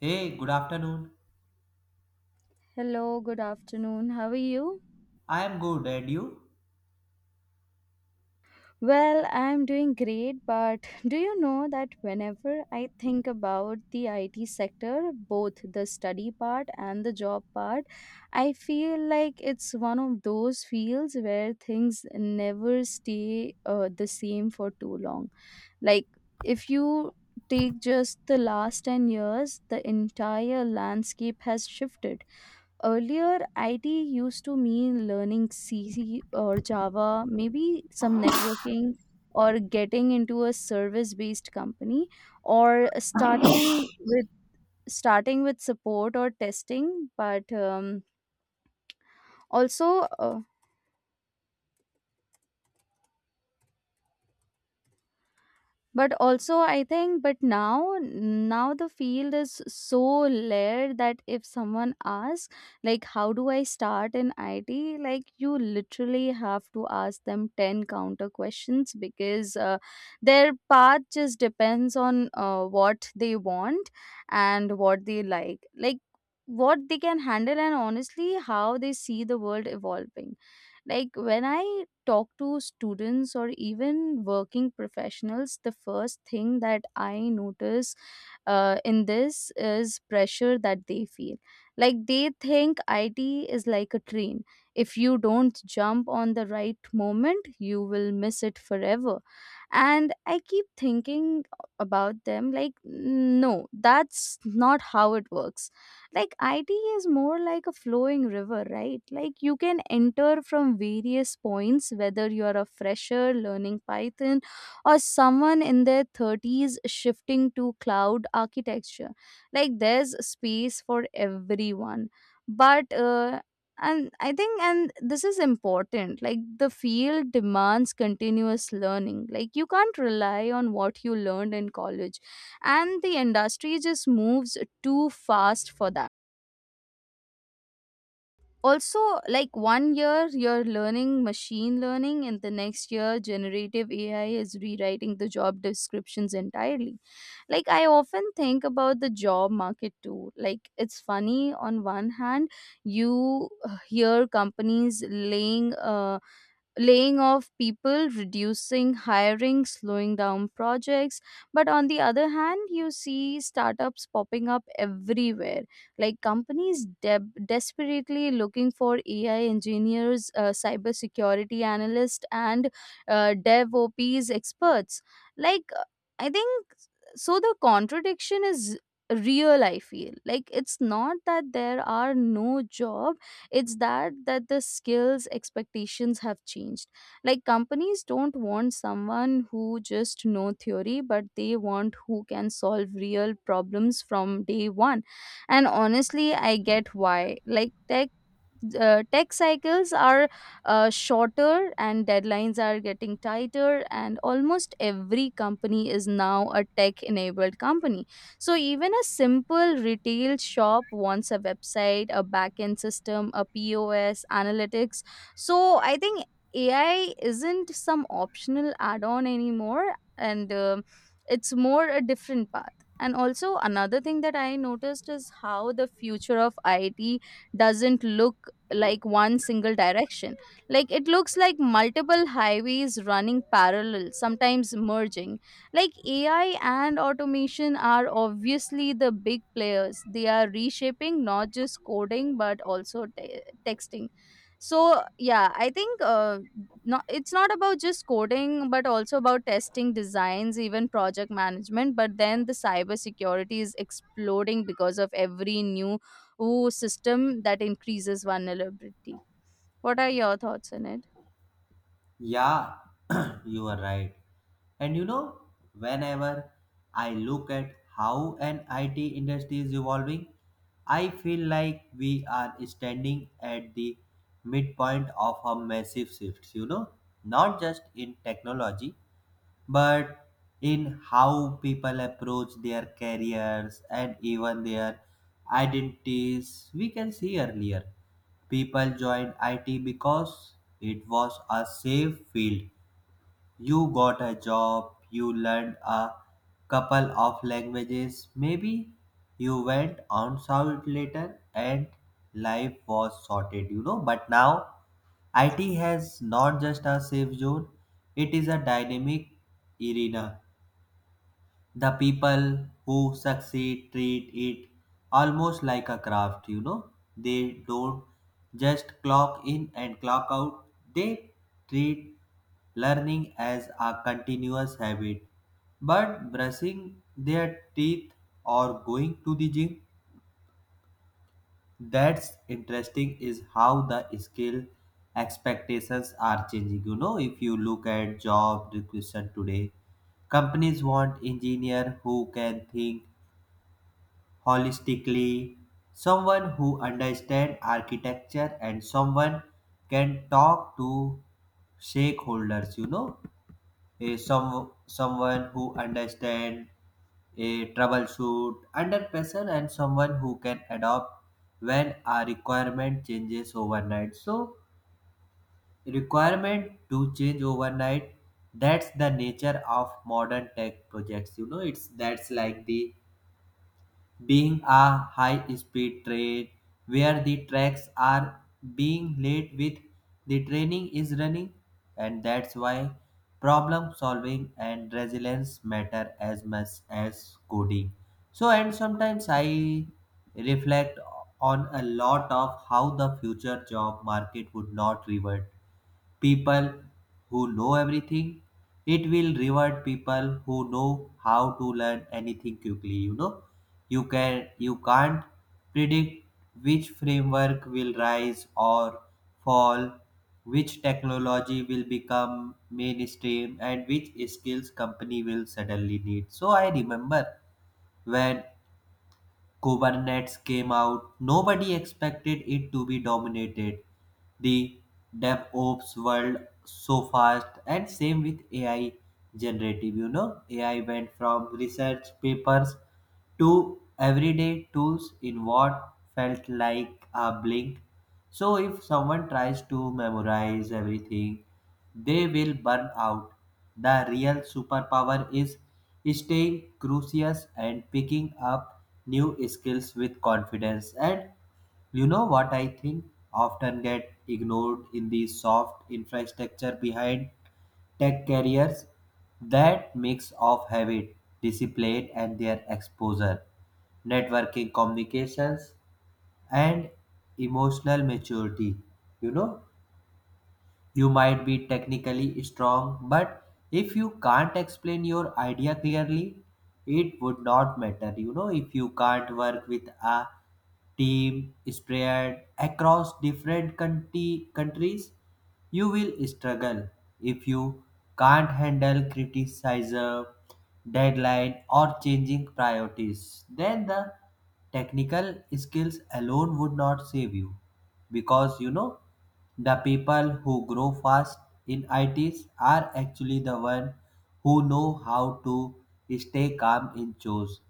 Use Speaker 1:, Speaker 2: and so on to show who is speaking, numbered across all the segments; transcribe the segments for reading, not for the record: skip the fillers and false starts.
Speaker 1: Hey, good afternoon.
Speaker 2: Hello, good afternoon. How are you?
Speaker 1: I am good, and you?
Speaker 2: Well, I'm doing great, but do you know that whenever I think about the IT sector, both the study part and the job part, I feel like it's one of those fields where things never stay the same for too long. Like, if you take just the last 10 years, the entire landscape has shifted. Earlier, IT used to mean learning C or Java, maybe some networking, or getting into a service-based company, or starting with support or testing. But also, uh, also, I think, but now the field is so layered that if someone asks like how do I start in IT, like you literally have to ask them 10 counter questions because their path just depends on what they want and what they like, what they can handle, and honestly how they see the world evolving. Like when I talk to students or even working professionals, the first thing that I notice in this is pressure that they feel. Like they think IT is like a train. If you don't jump on the right moment, you will miss it forever. And I keep thinking about them like, no, that's not how it works. Like IT is more like a flowing river, right? Like you can enter from various points, whether you're a fresher learning Python or someone in their 30s shifting to cloud architecture. Like there's space for everyone. But, uh, and I think, and this is important, like the field demands continuous learning. Like you can't rely on what you learned in college, and the industry just moves too fast for that also. Like one year you're learning machine learning and the next year generative AI is rewriting the job descriptions entirely. Like I often think about the job market too. Like it's funny, on one hand you hear companies laying off people, reducing hiring, slowing down projects. But on the other hand, you see startups popping up everywhere, like companies deb desperately looking for AI engineers, cybersecurity analysts, and DevOps experts. Like, I think so. The contradiction is real. I feel like it's not that there are no jobs, it's that the skills expectations have changed. Like companies don't want someone who just know theory, but they want who can solve real problems from day one. And honestly I get why. Like tech cycles are shorter and deadlines are getting tighter and almost every company is now a tech enabled company. So even a simple retail shop wants a website, a backend system, a POS analytics. So I think AI isn't some optional add on anymore, and it's more a different path. And also another thing that I noticed is how the future of IT doesn't look like one single direction. Like it looks like multiple highways running parallel, sometimes merging. Like AI and automation are obviously the big players. They are reshaping not just coding but also texting. So yeah, I think not, it's not about just coding but also about testing designs, even project management. But then the cyber security is exploding because of every new who system that increases vulnerability. What are your thoughts on it?
Speaker 1: Yeah, you are right. And you know, whenever I look at how an IT industry is evolving, I feel like we are standing at the midpoint of a massive shift, you know, not just in technology but in how people approach their careers and even their identities. We can see earlier people joined IT because it was a safe field. You got a job, you learned a couple of languages, maybe you went on out later and life was sorted, you know. But now IT has not just a safe zone, it is a dynamic arena. The people who succeed treat it almost like a craft, you know. They don't just clock in and clock out, they treat learning as a continuous habit. But brushing their teeth or going to the gym, that's interesting, is how the skill expectations are changing. You know, if you look at job requisition today, companies want engineer who can think holistically, someone who understands architecture and someone can talk to stakeholders, you know. Someone who understands a troubleshoot under pressure and someone who can adopt when a requirement changes overnight, so requirement to change overnight, that's the nature of modern tech projects, you know. It's, that's like the being a high-speed train where the tracks are being laid with the training is running, and that's why problem solving and resilience matter as much as coding. So, and sometimes I reflect on a lot of how the future job market would not revert people who know everything. It will reward people who know how to learn anything quickly. You know, you can't predict which framework will rise or fall, which technology will become mainstream, and which skills company will suddenly need. So I remember when Kubernetes came out, nobody expected it to be dominated the DevOps world so fast, and same with AI generative. You know, AI went from research papers to everyday tools in what felt like a blink. So, if someone tries to memorize everything, they will burn out. The real superpower is staying curious and picking up new skills with confidence. And you know what I think often get ignored in the soft infrastructure behind tech careers? That mix of habit, discipline, and their exposure, networking communications, and emotional maturity. You know, you might be technically strong, but if you can't explain your idea clearly, it would not matter. You know, if you can't work with a team spread across different country, countries, you will struggle. If you can't handle criticism, deadline, or changing priorities, then the technical skills alone would not save you, because you know the people who grow fast in itis are actually the ones who know how to stay calm in chores,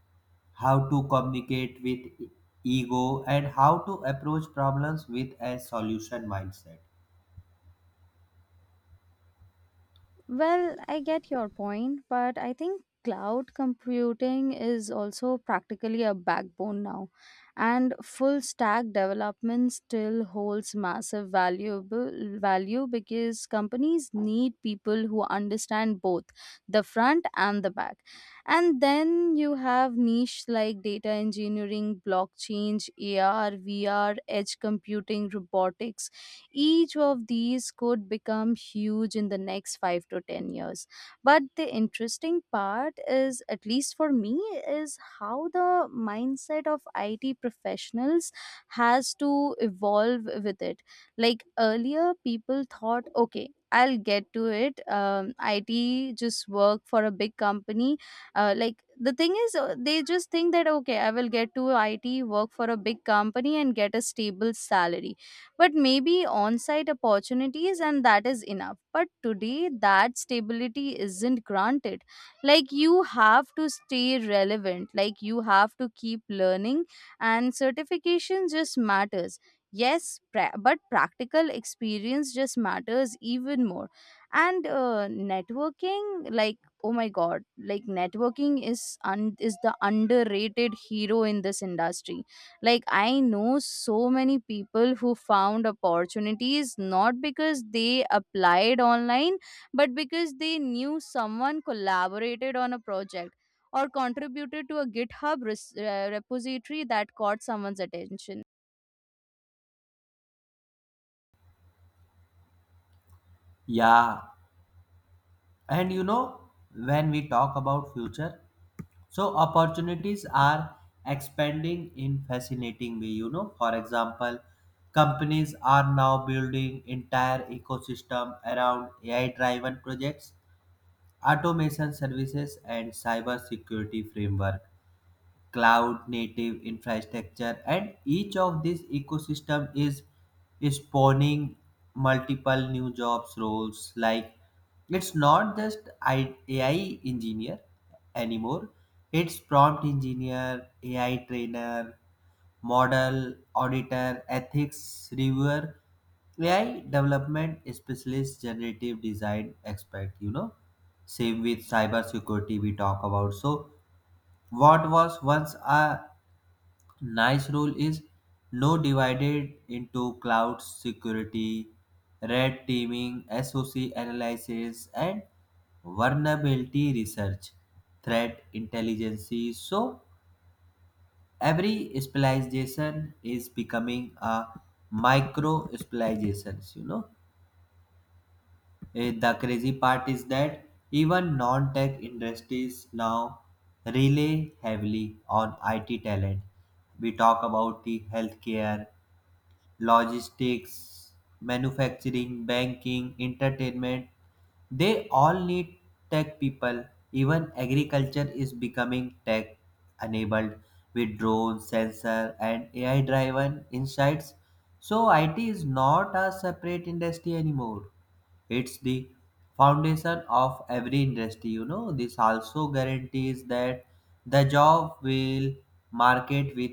Speaker 1: how to communicate with ego, and how to approach problems with a solution mindset.
Speaker 2: Well, I get your point, but I think cloud computing is also practically a backbone now. And full stack development still holds massive valuable value because companies need people who understand both the front and the back. And then you have niche like data engineering, blockchain, AR, VR, edge computing, robotics, each of these could become huge in the next 5 to 10 years. But the interesting part is, at least for me, is how the mindset of IT professionals has to evolve with it. Like earlier, people thought, okay, I'll get to it. IT just work for a big company. Like the thing is, they just think that okay, I will get to IT, work for a big company, and get a stable salary but maybe on site opportunities, and that is enough. But today, that stability isn't granted. Like, you have to stay relevant, like, you have to keep learning, and certification just matters. Yes, but practical experience just matters even more. And networking, like, oh my god, like is the underrated hero in this industry. Like, I know so many people who found opportunities not because they applied online, but because they knew someone, collaborated on a project, or contributed to a repository that caught someone's attention.
Speaker 1: Yeah, and you know, when we talk about future, so opportunities are expanding in fascinating way, you know. For example, companies are now building entire ecosystem around AI driven projects, automation services and cyber security framework, cloud native infrastructure, and each of these ecosystem is spawning multiple new jobs roles, like it's not just ai engineer anymore. It's prompt engineer, ai trainer, model auditor, ethics reviewer, ai development specialist, generative design expert, you know. Same with cyber security we talk about. So what was once a nice rule is now divided into cloud security, red teaming, SOC analysis, and vulnerability research, threat intelligence. So every specialization is becoming a micro specializations, you know. The crazy part is that even non tech industries now rely heavily on IT talent. We talk about the healthcare, logistics, manufacturing, banking, entertainment. They all need tech people. Even agriculture is becoming tech enabled with drones, sensor, and AI driven insights. So, IT is not a separate industry anymore, it's the foundation of every industry. You know, this also guarantees that the job will market with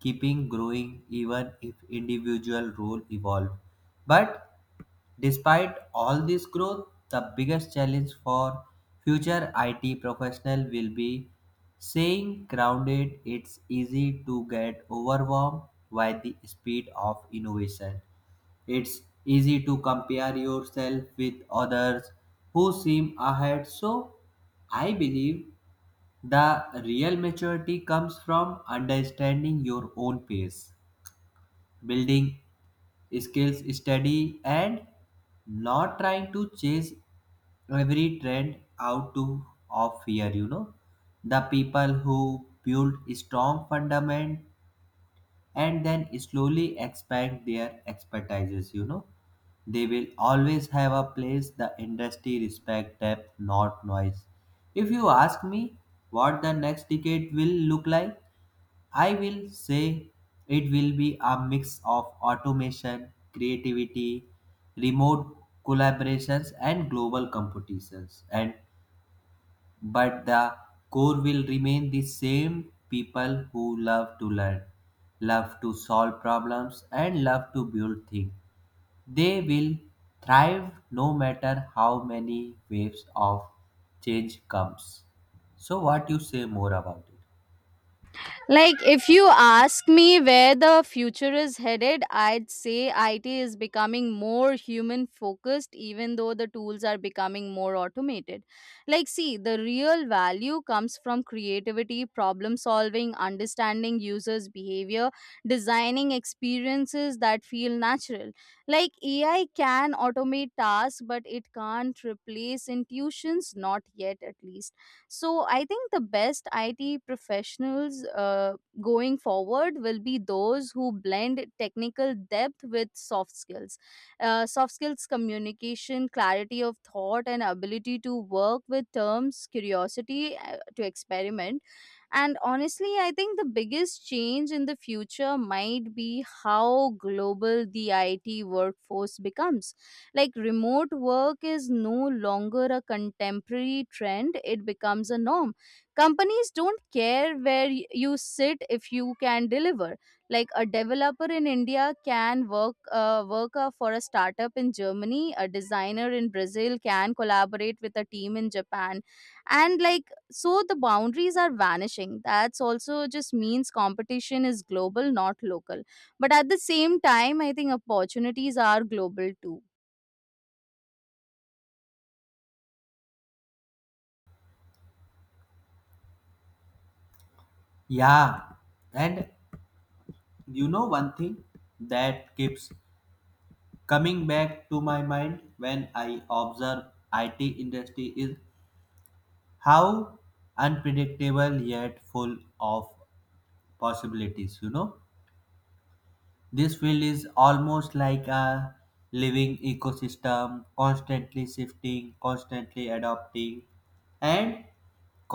Speaker 1: keeping growing even if individual role evolve. But despite all this growth, the biggest challenge for future IT professional will be staying grounded. It's easy to get overwhelmed by the speed of innovation. It's easy to compare yourself with others who seem ahead. So I believe the real maturity comes from understanding your own pace, building skills steady, and not trying to chase every trend out to, of fear. You know, the people who build strong fundament and then slowly expand their expertises, you know, they will always have a place, the industry respect depth not noise. If you ask me what the next decade will look like, I will say it will be a mix of automation, creativity, remote collaborations and global competitions, and but the core will remain the same, people who love to learn, love to solve problems, and love to build things. They will thrive no matter how many waves of change comes. So, what you say more about it?
Speaker 2: Like, if you ask me where the future is headed, I'd say IT is becoming more human focused, even though the tools are becoming more automated. Like, see, the real value comes from creativity, problem solving, understanding users' behavior, designing experiences that feel natural. Like, AI can automate tasks, but it can't replace intuitions, not yet at least. So I think the best IT professionals going forward will be those who blend technical depth with soft skills. Soft skills, communication, clarity of thought, and ability to work with terms, curiosity to experiment. And honestly, I think the biggest change in the future might be how global the IT workforce becomes. Like remote work is no longer a contemporary trend, it becomes a norm. Companies don't care where you sit if you can deliver. Like a developer in India can work for a startup in Germany, a designer in Brazil can collaborate with a team in Japan. And like, so the boundaries are vanishing. That's also just means competition is global, not local, but at the same time I think opportunities are global too.
Speaker 1: Yeah, and you know one thing that keeps coming back to my mind when I observe IT industry is how unpredictable yet full of possibilities. You know, this field is almost like a living ecosystem, constantly shifting, constantly adapting, and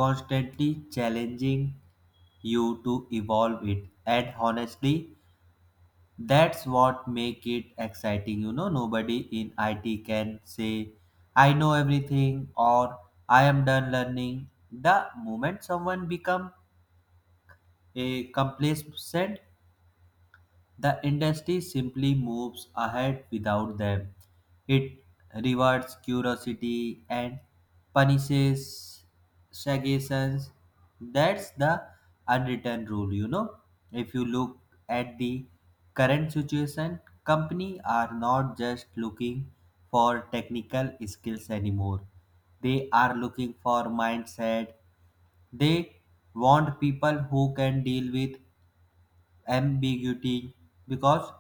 Speaker 1: constantly challenging you to evolve it, and honestly that's what make it exciting. You know, nobody in IT can say, I know everything or I am done learning. The moment someone become a complacent, the industry simply moves ahead without them. It rewards curiosity and punishes suggestions. That's the unwritten rule, you know. If you look at the current situation, companies are not just looking for technical skills anymore. They are looking for mindset. They want people who can deal with ambiguity because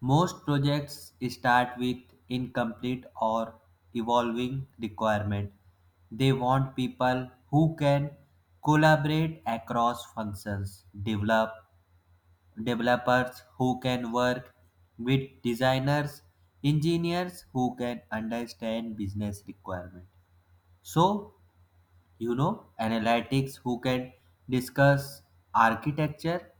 Speaker 1: most projects start with incomplete or evolving requirement. They want people who can collaborate across functions, developers who can work with designers, engineers who can understand business requirement. So you know analytics who can discuss architecture.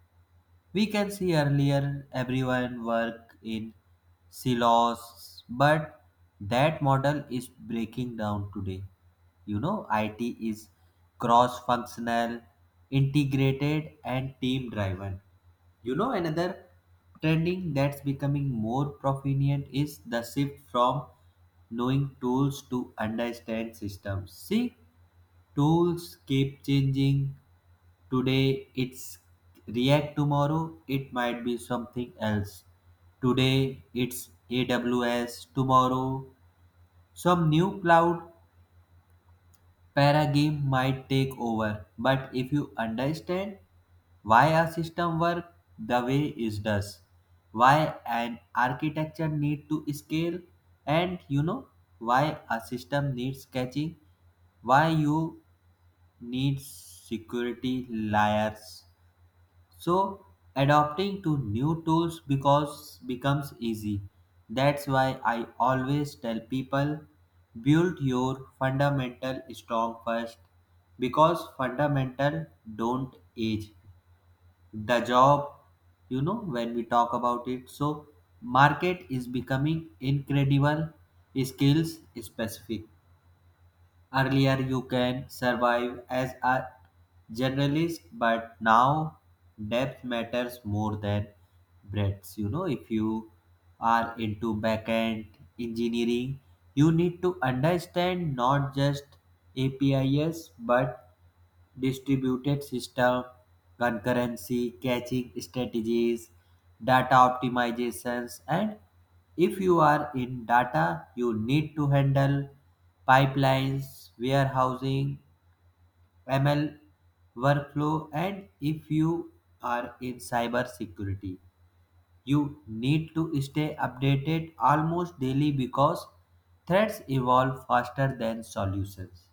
Speaker 1: We can see earlier everyone work in silos, but that model is breaking down today. You know, it is cross functional, integrated and team driven. You know, another trending that's becoming more prominent is the shift from knowing tools to understand systems. See, tools keep changing. Today it's React, tomorrow it might be something else. Today it's AWS, tomorrow some new cloud Paragame might take over, but if you understand why a system works the way it does, why an architecture needs to scale, and you know why a system needs caching, why you need security layers, so adapting to new tools because becomes easy. That's why I always tell people, build your fundamental strong first, because fundamental don't age. The job, you know, when we talk about it, so market is becoming incredible skills specific. Earlier, you can survive as a journalist, but now depth matters more than breadth. You know, if you are into backend engineering, you need to understand not just APIs but distributed system, concurrency, caching strategies, data optimizations, and if you are in data, you need to handle pipelines, warehousing, ML workflow, and if you are in cybersecurity, you need to stay updated almost daily because threats evolve faster than solutions.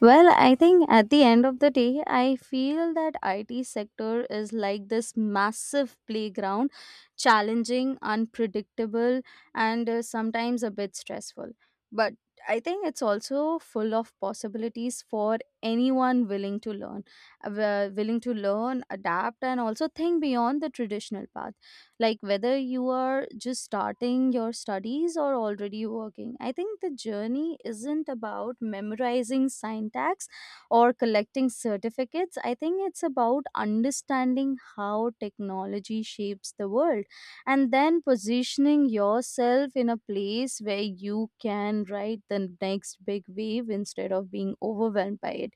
Speaker 2: Well, I think at the end of the day, I feel that IT sector is like this massive playground, challenging, unpredictable, and sometimes a bit stressful. But I think it's also full of possibilities for anyone willing to learn, adapt, and also think beyond the traditional path. Like whether you are just starting your studies or already working, I think the journey isn't about memorizing syntax or collecting certificates. I think it's about understanding how technology shapes the world and then positioning yourself in a place where you can ride the next big wave instead of being overwhelmed by it.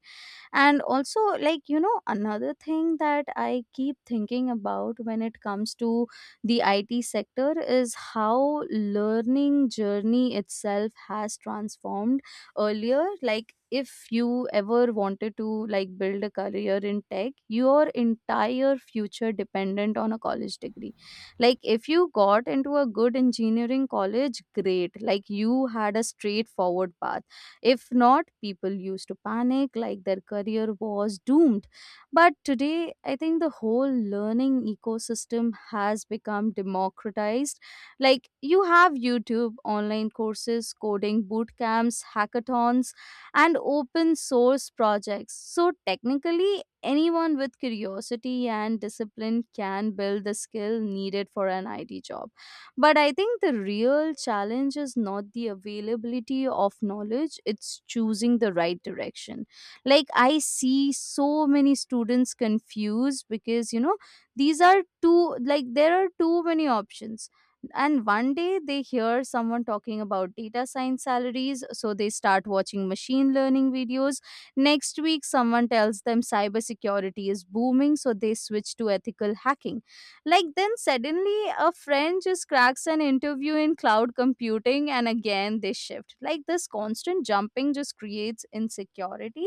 Speaker 2: And also, like, you know, another thing that I keep thinking about when it comes to the IT sector is how learning journey itself has transformed. Earlier, like, if you ever wanted to like build a career in tech, your entire future dependent on a college degree. Like if you got into a good engineering college, great, like you had a straightforward path. If not, people used to panic like their career was doomed. But today, I think the whole learning ecosystem has become democratized. Like you have YouTube, online courses, coding boot camps, hackathons, and open source projects. So technically, anyone with curiosity and discipline can build the skill needed for an IT job. But I think the real challenge is not the availability of knowledge, it's choosing the right direction. Like, I see so many students confused because, you know, these are too, like, there are too many options. And one day they hear someone talking about data science salaries, so they start watching machine learning videos. Next week, someone tells them cybersecurity is booming, so they switch to ethical hacking. Like then suddenly a friend just cracks an interview in cloud computing and again they shift. Like this constant jumping just creates insecurity.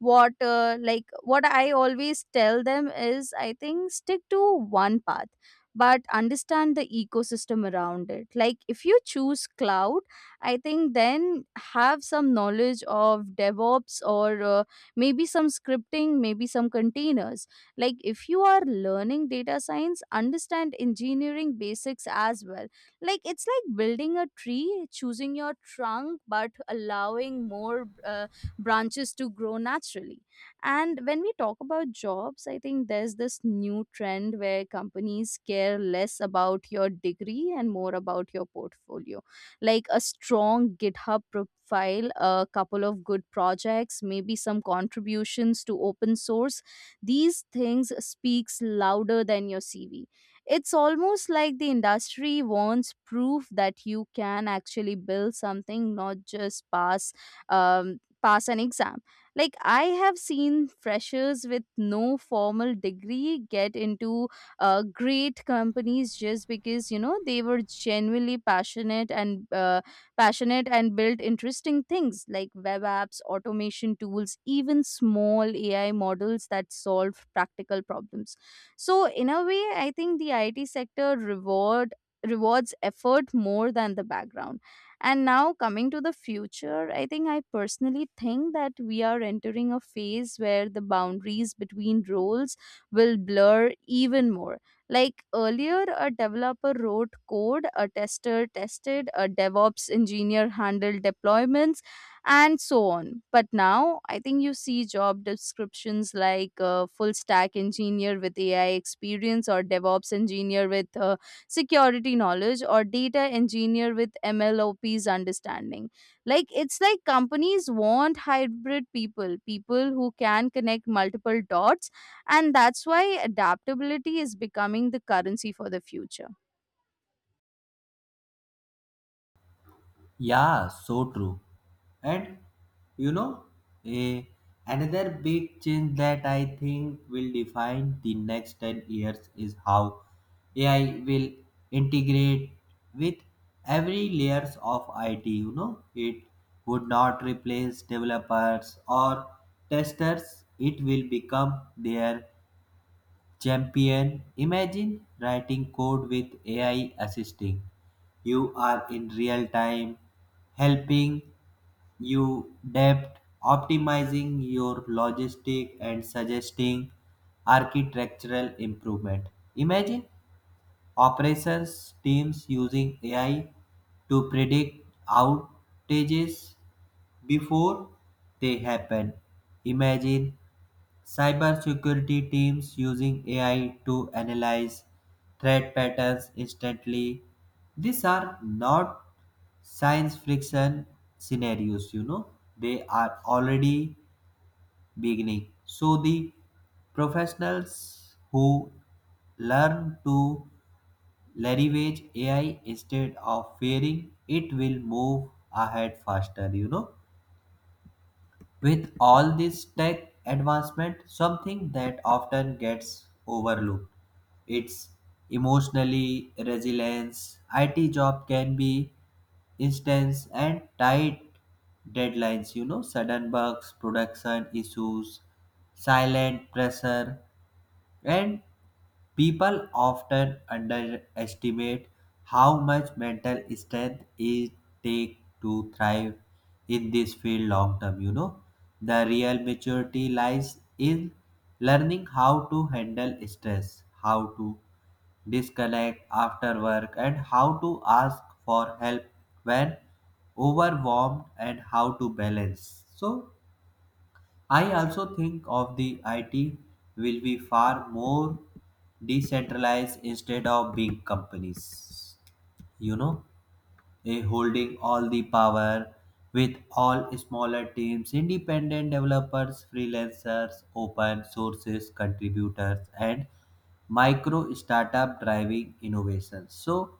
Speaker 2: What I always tell them is I think stick to one path but understand the ecosystem around it. Like if you choose cloud, I think then have some knowledge of DevOps or maybe some scripting, maybe some containers. Like if you are learning data science, understand engineering basics as well. Like it's like building a tree, choosing your trunk but allowing more branches to grow naturally. And when we talk about jobs, I think there's this new trend where companies care less about your degree and more about your portfolio. Like a strong GitHub profile, a couple of good projects, maybe some contributions to open source, these things speaks louder than your CV. It's almost like the industry wants proof that you can actually build something, not just pass an exam. Like I have seen freshers with no formal degree get into great companies just because, you know, they were genuinely passionate and built interesting things like web apps, automation tools, even small AI models that solve practical problems. So, in a way, I think the IT sector rewards effort more than the background. And now coming to the future, I personally think that we are entering a phase where the boundaries between roles will blur even more. Like earlier, a developer wrote code, a tester tested, a DevOps engineer handled deployments, and so on. But now, I think you see job descriptions like full stack engineer with AI experience, or DevOps engineer with security knowledge, or data engineer with MLOP's understanding. It's like companies want hybrid people, people who can connect multiple dots, and that's why adaptability is becoming the currency for the future.
Speaker 1: Yeah, so true. And you know, a, another big change that I think will define the next 10 years is how AI will integrate with every layers of IT, you know. It would not replace developers or testers. It will become their champion. Imagine writing code with AI assisting. You are in real time, helping you depth, optimizing your logistic and suggesting architectural improvement. Imagine operations teams using AI to predict outages before they happen. Imagine cybersecurity teams using AI to analyze threat patterns instantly. These are not science fiction scenarios, you know, they are already beginning. So, the professionals who learn to leverage AI instead of fearing it will move ahead faster, you know. With all this tech advancement, something that often gets overlooked, it's emotionally resilience. IT job can be intense and tight deadlines, you know, sudden bugs, production issues, silent pressure, and people often underestimate how much mental strength it takes to thrive in this field long term, you know. The real maturity lies in learning how to handle stress, how to disconnect after work, and how to ask for help when overwhelmed, and how to balance. So, I also think of the IT will be far more decentralized instead of big companies. You know, holding all the power, with all smaller teams, independent developers, freelancers, open sources, contributors, and micro startup driving innovations. So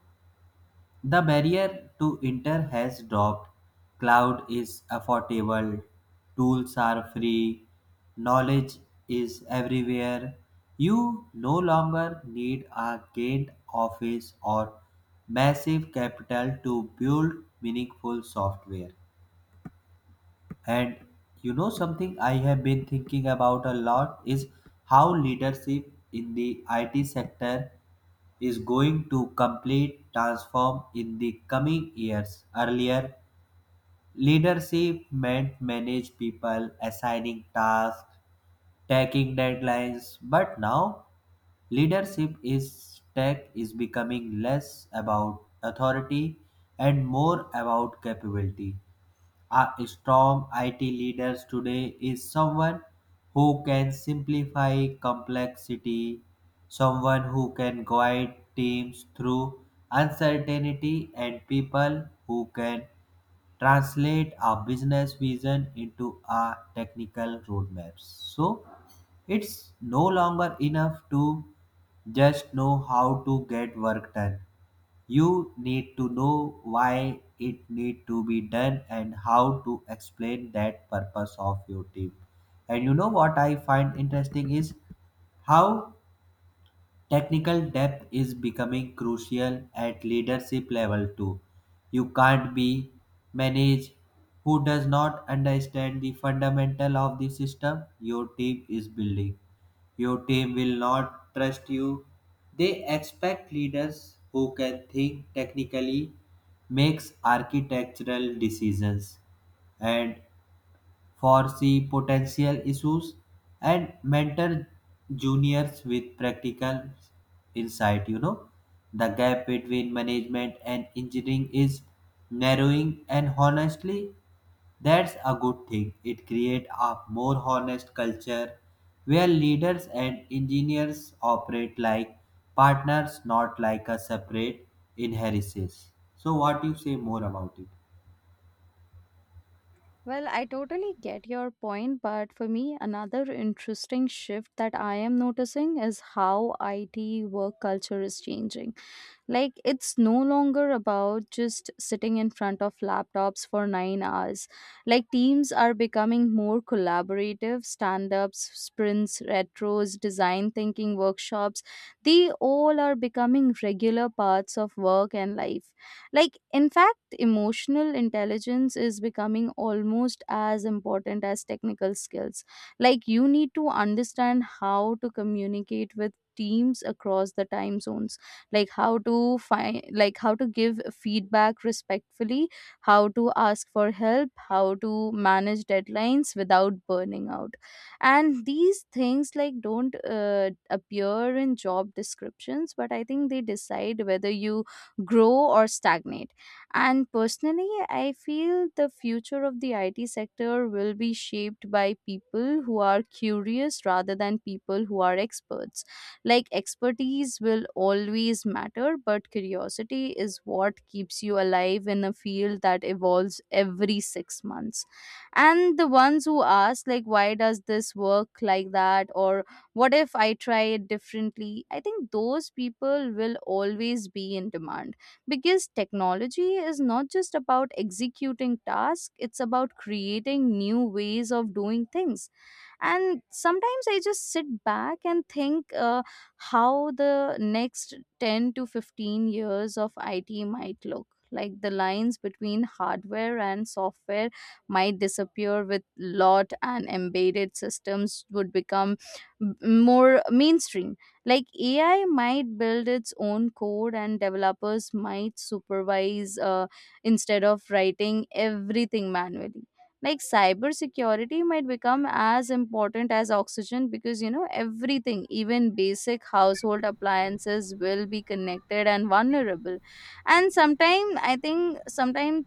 Speaker 1: the barrier to enter has dropped. Cloud is affordable. Tools are free. Knowledge is everywhere. You no longer need a giant office or massive capital to build meaningful software. And you know something I have been thinking about a lot is how leadership in the IT sector is going to complete transform in the coming years. Earlier, leadership meant manage people, assigning tasks, taking deadlines, but now leadership is tech is becoming less about authority and more about capability. A strong IT leader today is someone who can simplify complexity, someone who can guide teams through uncertainty, and people who can translate a business vision into a technical roadmap. So it's no longer enough to just know how to get work done. You need to know why it need to be done and how to explain that purpose of your team. And you know what I find interesting is how technical depth is becoming crucial at leadership level too. You can't be managed who does not understand the fundamental of the system your team is building. Your team will not trust you. They expect leaders who can think technically, makes architectural decisions and foresee potential issues, and mentor juniors with practical insight. You know, the gap between management and engineering is narrowing, and honestly, that's a good thing. It creates a more honest culture where leaders and engineers operate like partners, not like a separate inheritance. So, what do you say more about it?
Speaker 2: Well, I totally get your point, but for me, another interesting shift that I am noticing is how IT work culture is changing. Like, it's no longer about just sitting in front of laptops for 9 hours. Like, teams are becoming more collaborative. Stand-ups, sprints, retros, design thinking workshops, they all are becoming regular parts of work and life. Like, in fact, emotional intelligence is becoming almost as important as technical skills. Like, you need to understand how to communicate with teams across the time zones, like how to give feedback respectfully, how to ask for help, how to manage deadlines without burning out. And these things like don't appear in job descriptions, but I think they decide whether you grow or stagnate. And personally, I feel the future of the IT sector will be shaped by people who are curious rather than people who are experts. Like, expertise will always matter, but curiosity is what keeps you alive in a field that evolves every 6 months. And the ones who ask, like, why does this work like that? Or what if I try it differently? I think those people will always be in demand, because technology is not just about executing tasks, it's about creating new ways of doing things. And sometimes I just sit back and think how the next 10 to 15 years of it might look. Like, the lines between hardware and software might disappear with lot, and embedded systems would become m- more mainstream. Like, AI might build its own code, and developers might supervise instead of writing everything manually. Like, cybersecurity might become as important as oxygen, because you know, everything, even basic household appliances, will be connected and vulnerable. And sometimes i think sometimes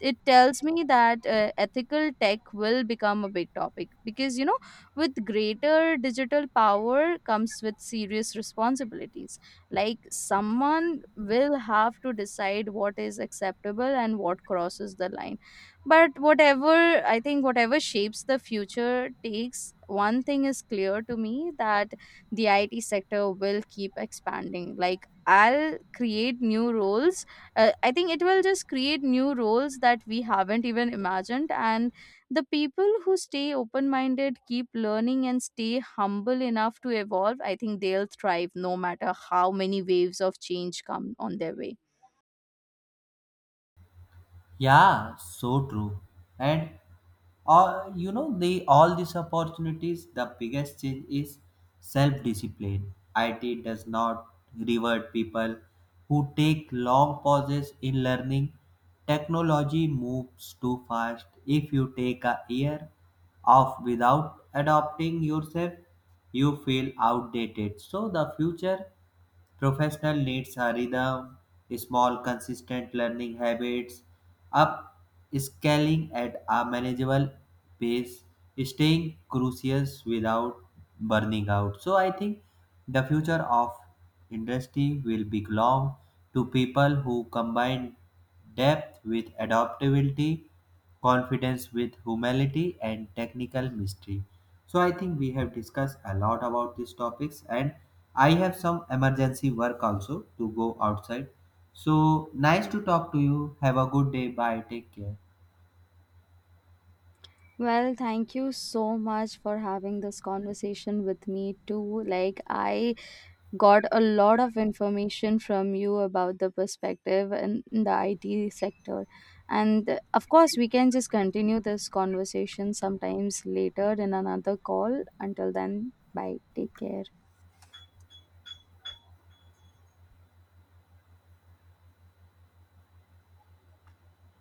Speaker 2: it tells me that ethical tech will become a big topic, because you know, with greater digital power comes with serious responsibilities. Like, someone will have to decide what is acceptable and what crosses the line. But whatever i think whatever shapes the future takes, one thing is clear to me, that the IT sector will keep expanding. Like i'll create new roles uh, I think it will just create new roles that we haven't even imagined. And the people who stay open minded, keep learning, and stay humble enough to evolve, I think they'll thrive no matter how many waves of change come on their way.
Speaker 1: Yeah, so true. And you know the all these opportunities, the biggest change is self-discipline. IT does not reward people who take long pauses in learning. Technology moves too fast. If you take a year off without adopting yourself, you feel outdated. So the future professional needs are rhythm, small, consistent learning habits, up scaling at a manageable pace, staying curious without burning out. So I think the future of industry will belong to people who combine depth with adaptability, confidence with humility, and technical mystery. So I think we have discussed a lot about these topics, and I have some emergency work also to go outside, so nice to talk to you. Have a good day. Bye, take care.
Speaker 2: Well, thank you so much for having this conversation with me too. Like, I got a lot of information from you about the perspective and the IT sector. And of course, we can just continue this conversation sometimes later in another call. Until then, bye. Take care.